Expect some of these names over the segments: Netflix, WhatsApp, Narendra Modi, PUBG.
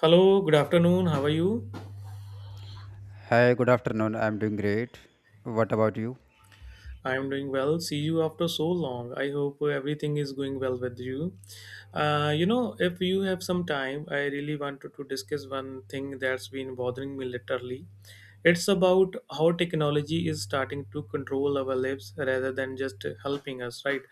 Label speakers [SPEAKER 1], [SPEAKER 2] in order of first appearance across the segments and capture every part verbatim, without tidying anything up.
[SPEAKER 1] Hello, good afternoon. How are you?
[SPEAKER 2] Hi, good afternoon. I'm doing great. What about you?
[SPEAKER 1] I am doing well. See you after so long. I hope uh, everything is going well with you. Uh, you know, if you have some time, I really wanted to discuss one thing that's been bothering me literally. It's about how technology is starting to control our lives rather than just helping us, right?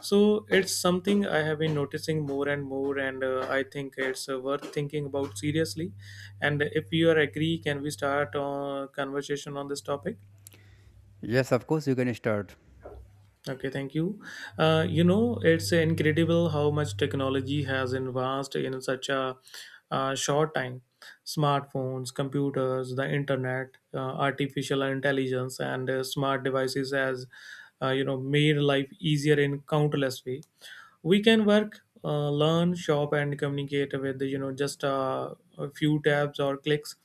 [SPEAKER 1] So it's something I have been noticing more and more, and uh, I think it's uh, worth thinking about seriously. And if you are agree, can we start a conversation on this topic?
[SPEAKER 2] Yes, of course, you can start.
[SPEAKER 1] Okay, thank you. Uh, you know, it's incredible how much technology has advanced in such a uh, short time. Smartphones, computers, the internet, uh, artificial intelligence, and uh, smart devices has, uh, you know, made life easier in countless ways. We can work, uh, learn, shop, and communicate with you know just uh, a few tabs or clicks.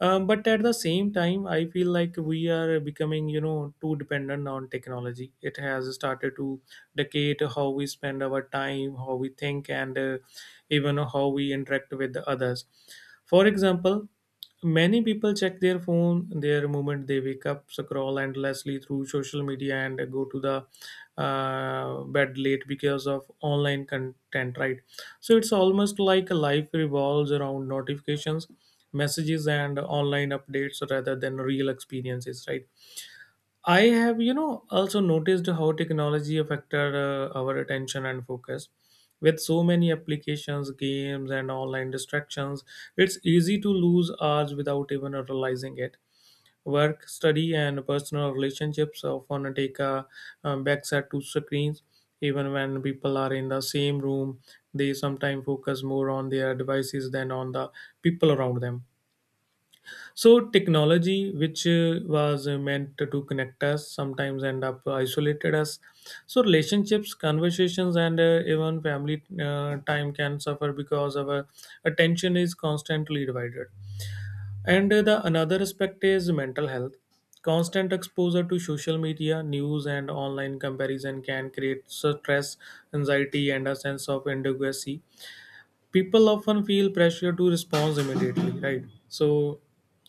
[SPEAKER 1] um, But at the same time, I feel like we are becoming you know too dependent on technology. It has started to dictate how we spend our time, how we think, and uh, even how we interact with the others. For example, many people check their phone their moment they wake up, scroll endlessly through social media, and go to the uh, bed late because of online content, right? So it's almost like life revolves around notifications, messages, and online updates rather than real experiences, right? I have, you know, also noticed how technology affected uh, our attention and focus. With so many applications, games, and online distractions, it's easy to lose hours without even realizing it. Work, study, and personal relationships often take a um, backseat to screens. Even when people are in the same room, they sometimes focus more on their devices than on the people around them. So technology, which uh, was uh, meant to connect us, sometimes end up isolated us. So relationships, conversations, and uh, even family uh, time can suffer because our attention is constantly divided. And uh, the another aspect is mental health. Constant exposure to social media, news, and online comparison can create stress, anxiety, and a sense of inadequacy. People often feel pressure to respond immediately, right? So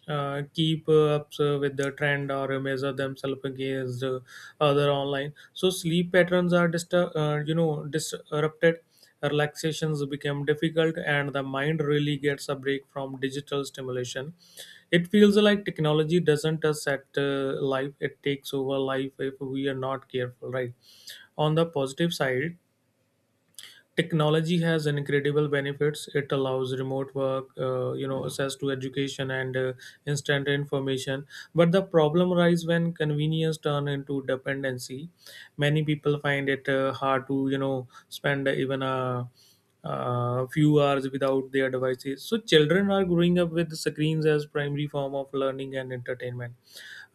[SPEAKER 1] uh, keep uh, up uh, with the trend, or uh, measure themselves against uh, other online. So sleep patterns are distur- uh, you know disrupted, relaxations become difficult, and the mind really gets a break from digital stimulation. It feels like technology doesn't set uh, life, it takes over life if we are not careful, right? On the positive side, technology has incredible benefits. It allows remote work, uh, you know, access to education, and uh, instant information. But the problem arises when convenience turn into dependency. Many people find it uh, hard to, you know, spend even a uh, few hours without their devices. So children are growing up with screens as primary form of learning and entertainment,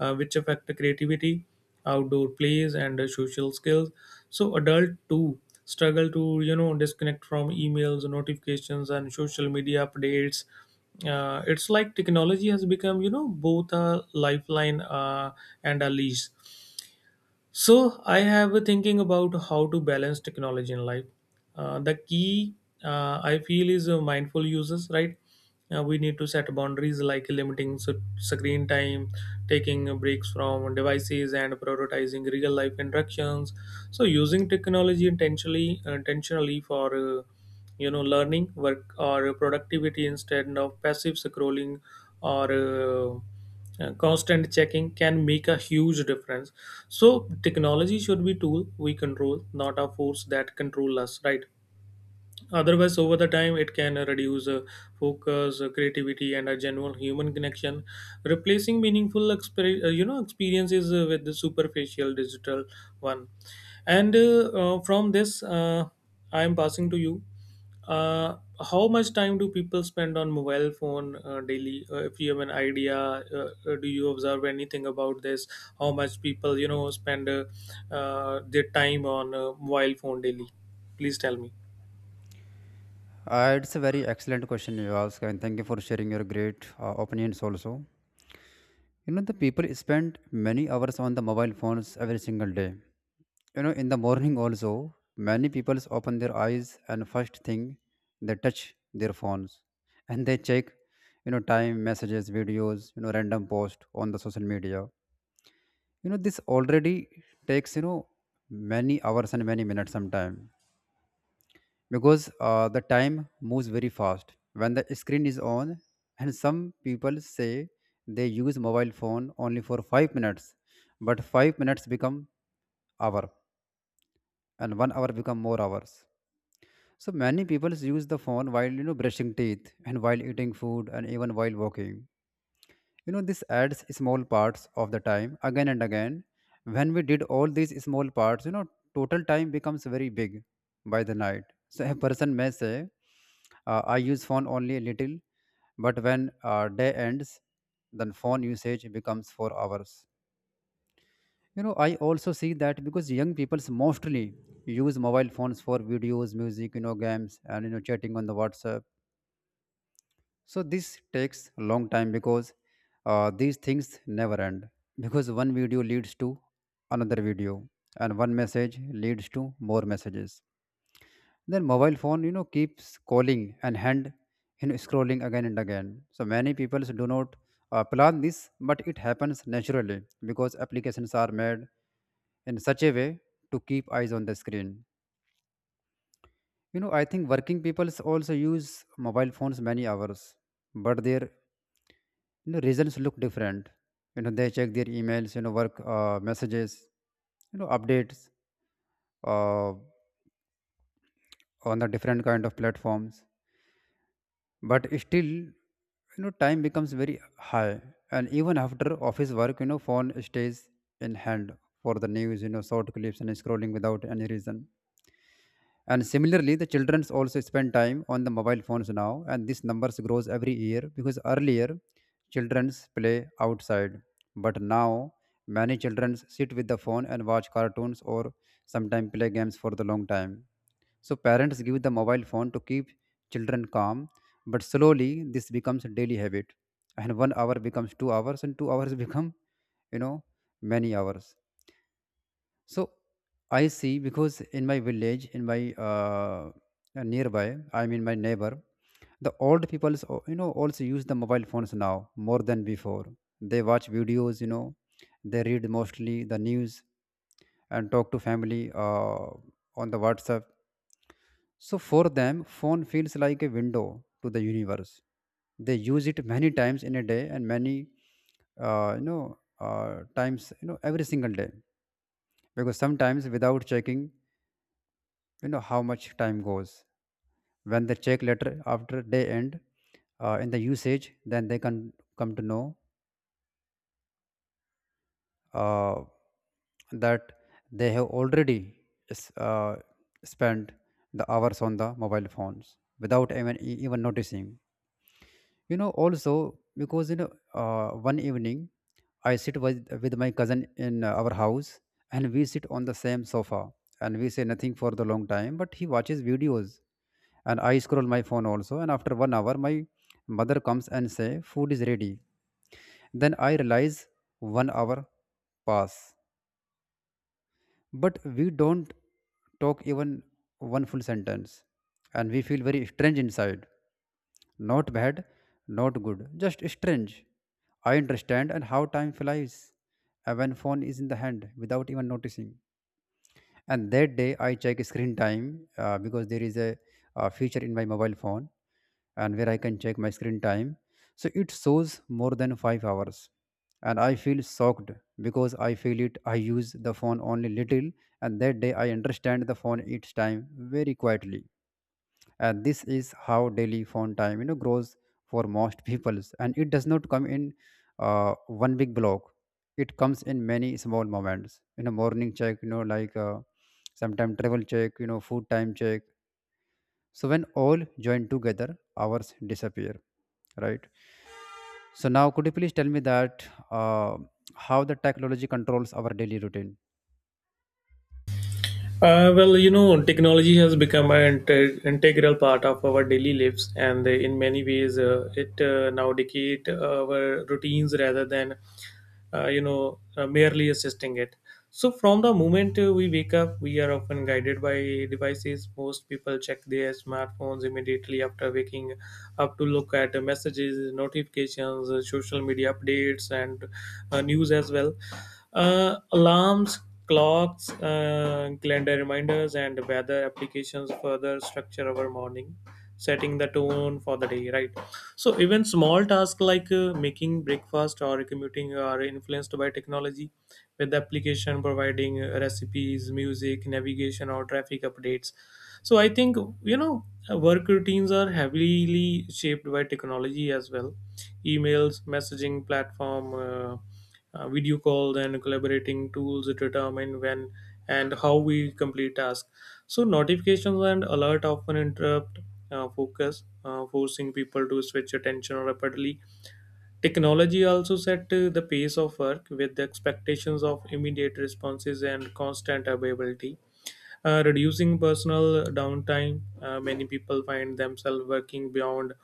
[SPEAKER 1] uh, which affect creativity, outdoor plays, and uh, social skills. So adult too struggle to you know disconnect from emails, notifications, and social media updates. Uh, it's like technology has become you know both a lifeline uh, and a leash. So I have been thinking about how to balance technology in life. Uh, the key, uh, I feel, is uh, mindful uses, right? Uh, we need to set boundaries, like limiting s- screen time, taking breaks from devices, and prioritizing real life interactions. So using technology intentionally, uh, intentionally for uh, you know learning, work, or productivity instead of passive scrolling or uh, uh, constant checking can make a huge difference. So technology should be tool we control, not a force that control us, right? Otherwise, over the time, it can uh, reduce uh, focus, uh, creativity, and a general human connection, replacing meaningful exper- uh, you know experiences uh, with the superficial digital one. And uh, uh, from this, uh, I am passing to you. Uh, how much time do people spend on mobile phone uh, daily? Uh, if you have an idea, uh, uh, do you observe anything about this? How much people you know spend uh, uh, their time on uh, mobile phone daily? Please tell me.
[SPEAKER 2] Uh, it's a very excellent question you ask, and thank you for sharing your great uh, opinions also. You know, the people spend many hours on the mobile phones every single day. You know, in the morning also, many people open their eyes and first thing they touch their phones and they check, you know, time, messages, videos, you know, random post on the social media. You know, this already takes, you know, many hours and many minutes sometime, because uh, the time moves very fast when the screen is on. And some people say they use mobile phone only for five minutes, but five minutes become hour, and one hour become more hours. So many people use the phone while, you know, brushing teeth, and while eating food, and even while walking. You know, this adds small parts of the time again and again. When we did all these small parts, you know, total time becomes very big by the night. So a person may say, uh, I use phone only a little, but when uh, day ends, then phone usage becomes four hours. You know, I also see that because young people mostly use mobile phones for videos, music, you know, games, and you know, chatting on the WhatsApp. So this takes a long time, because uh, these things never end. Because one video leads to another video, and one message leads to more messages. Then mobile phone, you know, keeps calling and hand, you know, scrolling again and again. So many people do not uh, plan this, but it happens naturally, because applications are made in such a way to keep eyes on the screen. You know, I think working people also use mobile phones many hours, but their, you know, reasons look different. You know, they check their emails, you know, work uh, messages, you know, updates uh, on the different kind of platforms. But still, you know, time becomes very high. And even after office work, you know, phone stays in hand for the news, you know, short clips and scrolling without any reason. And similarly the children also spend time on the mobile phones now, and this numbers grows every year, because earlier children play outside, but now many children sit with the phone and watch cartoons, or sometimes play games for the long time. So parents give the mobile phone to keep children calm, but slowly this becomes a daily habit, and one hour becomes two hours, and two hours become, you know, many hours. So I see, because in my village, in my uh, uh, nearby, I mean my neighbor, the old people, you know, also use the mobile phones now more than before. They watch videos, you know, they read mostly the news and talk to family uh, on the WhatsApp. So for them, phone feels like a window to the universe. They use it many times in a day, and many, uh, you know, uh, times, you know, every single day. Because sometimes without checking, you know how much time goes. When they check later after day end uh, in the usage, then they can come to know uh, that they have already s- uh, spent the hours on the mobile phones without even e- even noticing. You know also, because you know, uh, one evening I sit with, with my cousin in uh, our house, and we sit on the same sofa, and we say nothing for the long time, but he watches videos and I scroll my phone also. And after one hour my mother comes and say food is ready. Then I realize one hour pass, but we don't talk even one full sentence, and we feel very strange inside. Not bad, not good, just strange. I understand and how time flies uh, when phone is in the hand without even noticing. And that day I check screen time, uh, because there is a, uh, feature in my mobile phone, and where I can check my screen time. So it shows more than five hours, and I feel shocked, because I feel it I use the phone only little. And that day I understand the phone each time very quietly. And this is how daily phone time, you know, grows for most peoples. And it does not come in uh, one big block. It comes in many small moments, you know, morning check, you know, like uh, sometime travel check, you know, food time check. So when all join together, hours disappear, right? So now could you please tell me that uh, how the technology controls our daily routine?
[SPEAKER 1] Uh, well, you know, technology has become an inte- integral part of our daily lives, and in many ways, uh, it uh, now dictate our routines rather than, uh, you know, uh, merely assisting it. So from the moment uh, we wake up, we are often guided by devices. Most people check their smartphones immediately after waking up to look at uh, messages, notifications, uh, social media updates, and uh, news as well. Uh, alarms, clocks, uh, calendar reminders, and weather applications further structure our morning, setting the tone for the day, right? So even small tasks like uh, making breakfast or commuting are influenced by technology, with the application providing uh, recipes, music, navigation, or traffic updates. So I think, you know, work routines are heavily shaped by technology as well. Emails, messaging platform, uh, uh, video calls, and collaborating tools determine when and how we complete tasks. So notifications and alert often interrupt uh, focus, uh, forcing people to switch attention rapidly. Technology also set uh, the pace of work, with the expectations of immediate responses and constant availability uh, reducing personal downtime. Uh, many people find themselves working beyond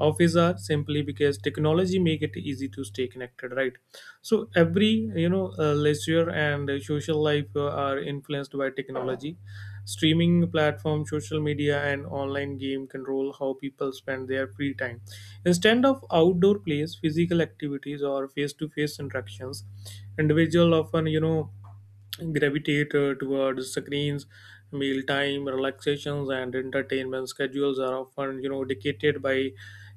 [SPEAKER 1] office hours simply because technology make it easy to stay connected, right? So every you know uh, leisure and uh, social life uh, are influenced by technology. Streaming platforms, social media, and online game control how people spend their free time. Instead of outdoor plays, physical activities, or face-to-face interactions, individual often you know gravitate uh, towards screens. Mealtime, relaxations, and entertainment schedules are often you know dictated by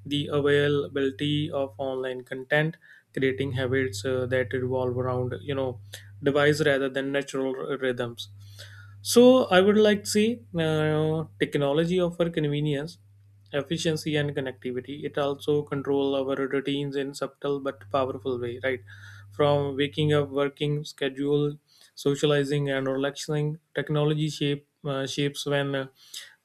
[SPEAKER 1] the availability of online content, creating habits uh, that revolve around you know device rather than natural r- rhythms. So I would like to say, uh, technology offer convenience, efficiency, and connectivity. It also control our routines in subtle but powerful way, right? From waking up, working schedule, socializing, and relaxing, technology shape uh, shapes when, uh,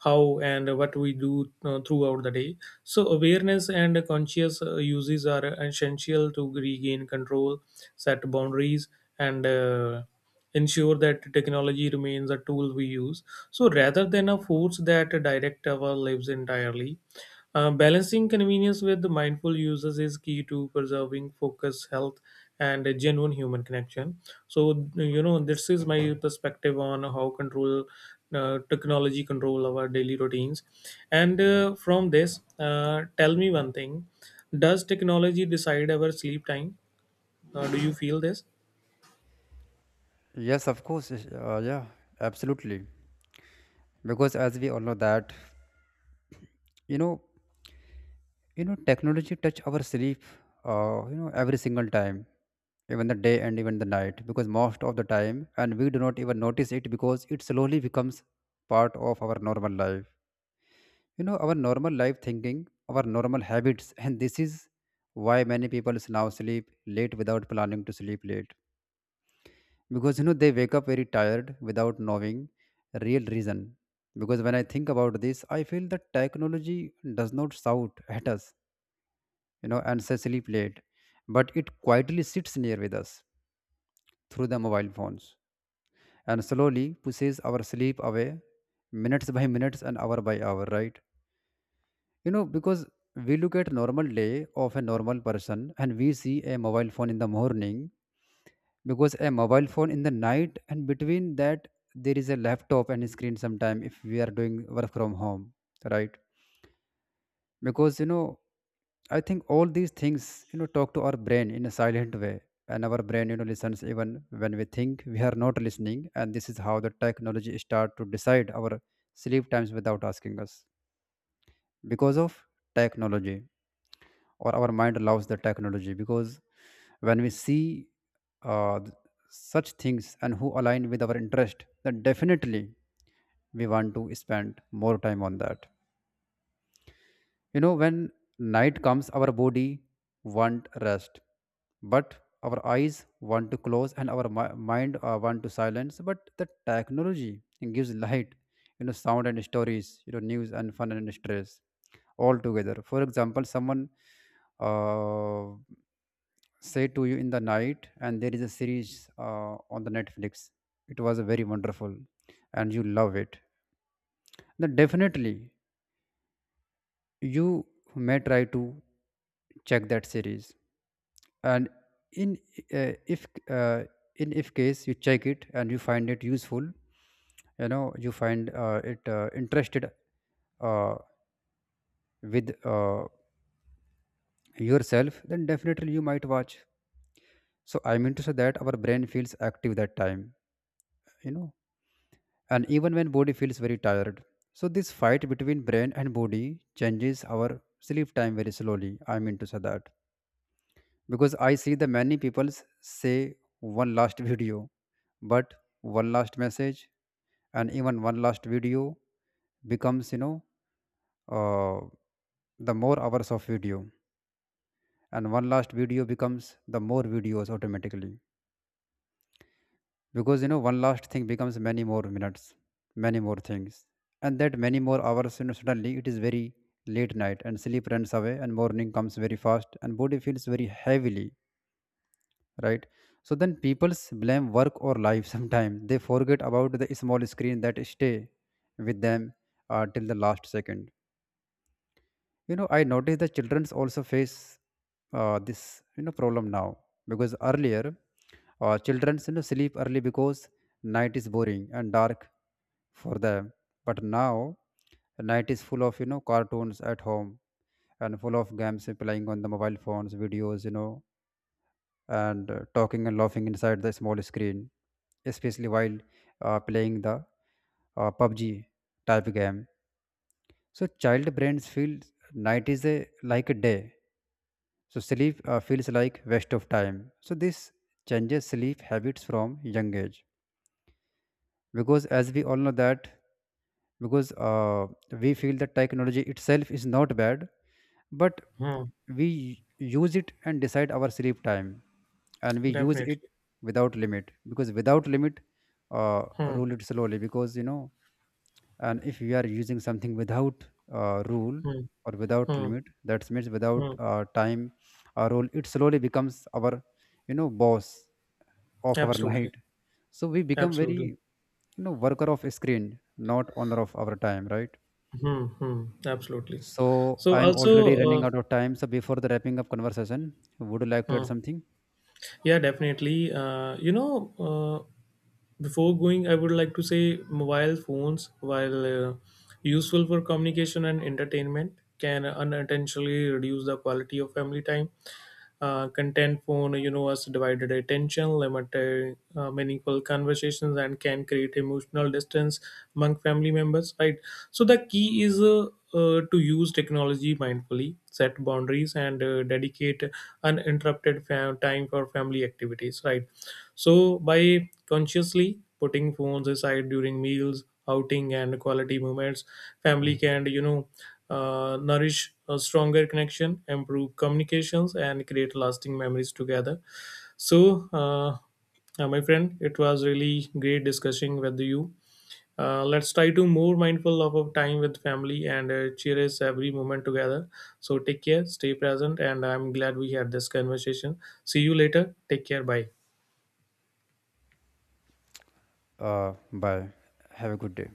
[SPEAKER 1] how, and what we do uh, throughout the day. So awareness and conscious uh, uses are essential to regain control, set boundaries, and uh, ensure that technology remains a tool we use, so rather than a force that direct our lives entirely. Uh, balancing convenience with the mindful users is key to preserving focus, health, and a genuine human connection. So, you know, this is my perspective on how control uh, technology control our daily routines. And uh, from this, uh, tell me one thing: does technology decide our sleep time? Uh, do you feel this?
[SPEAKER 2] Yes, of course, uh, yeah, absolutely. Because as we all know that, you know, You know, technology touch our sleep, uh, you know, every single time, even the day and even the night, because most of the time, and we do not even notice it, because it slowly becomes part of our normal life. You know, our normal life thinking, our normal habits, and this is why many people now sleep late without planning to sleep late. Because, you know, they wake up very tired without knowing real reason. Because when I think about this, I feel that technology does not shout at us, you know, and Cecily played, but it quietly sits near with us through the mobile phones, and slowly pushes our sleep away minutes by minutes and hour by hour, right? You know, because we look at normal day of a normal person, and we see a mobile phone in the morning, because a mobile phone in the night, and between that there is a laptop and screen sometime if we are doing work from home, right? Because, you know, I think all these things, you know, talk to our brain in a silent way, and our brain, you know, listens even when we think we are not listening. And this is how the technology start to decide our sleep times without asking us. Because of technology, or our mind allows the technology, because when we see uh, th- such things and who align with our interest, then definitely we want to spend more time on that. You know, when night comes, our body want rest, but our eyes want to close, and our mi- mind uh, want to silence. But the technology gives light, you know, sound and stories, you know, news and fun and stress, all together. For example, someone uh, say to you in the night, and there is a series uh, on the Netflix. It was very wonderful, and you love it. Then definitely you may try to check that series, and in uh, if uh, in if case you check it and you find it useful, you know, you find uh, it uh, interested uh, with uh, yourself, then definitely you might watch. So I mean to say that our brain feels active that time, you know, and even when body feels very tired. So this fight between brain and body changes our sleep time very slowly, I mean to say that. Because I see the many people say one last video, but one last message, and even one last video becomes, you know, uh, the more hours of video, and one last video becomes the more videos automatically. Because, you know, one last thing becomes many more minutes, many more things, and that many more hours, you know, suddenly it is very late night, and sleep runs away, and morning comes very fast, and body feels very heavily, right? So then people's blame work or life. Sometimes they forget about the small screen that stay with them uh, till the last second. You know, I notice the childrens also face uh, this, you know, problem now. Because earlier uh, childrens, you know, sleep early, because night is boring and dark for them. But now night is full of, you know, cartoons at home, and full of games uh, playing on the mobile phones, videos, you know, and uh, talking and laughing inside the small screen, especially while uh, playing the uh, P U B G type game. So child brains feel night is a, like a day. So sleep uh, feels like waste of time. So this changes sleep habits from young age. Because as we all know that, because uh, we feel that technology itself is not bad, but
[SPEAKER 1] Hmm,
[SPEAKER 2] we use it and decide our sleep time, and we use
[SPEAKER 1] definitely.
[SPEAKER 2] it without limit. Because without limit uh,
[SPEAKER 1] Hmm,
[SPEAKER 2] rule it slowly, because you know, and if we are using something without uh, rule
[SPEAKER 1] hmm,
[SPEAKER 2] or without
[SPEAKER 1] hmm,
[SPEAKER 2] limit, that means
[SPEAKER 1] hmm.
[SPEAKER 2] without uh, time or rule, it slowly becomes our, you know, boss of our
[SPEAKER 1] Absolutely.
[SPEAKER 2] night. So we become very,
[SPEAKER 1] Absolutely.
[SPEAKER 2] you know, worker of screen, not owner of our time, right?
[SPEAKER 1] Hmm, hmm, absolutely.
[SPEAKER 2] So
[SPEAKER 1] So
[SPEAKER 2] I'm
[SPEAKER 1] also,
[SPEAKER 2] already running
[SPEAKER 1] uh,
[SPEAKER 2] out of time. So before the wrapping up conversation, would you like to add
[SPEAKER 1] hmm.
[SPEAKER 2] something?
[SPEAKER 1] Yeah, definitely. Uh, you know, uh, Before going, I would like to say mobile phones, while uh, useful for communication and entertainment, can unintentionally reduce the quality of family time. Uh, content phone, you know, has divided attention, limited uh, meaningful conversations, and can create emotional distance among family members, right? So the key is uh, uh, to use technology mindfully, set boundaries, and uh, dedicate uninterrupted fam- time for family activities, right? So by consciously putting phones aside during meals, outing, and quality moments, family can, you know uh, nourish a stronger connection, improve communications, and create lasting memories together. So uh, uh, my friend, it was really great discussing with you. Uh, let's try to more mindful of our time with family and uh, cherish every moment together. So take care, stay present, and I'm glad we had this conversation. See you later. Take care. Bye.
[SPEAKER 2] Uh, bye. Have a good day.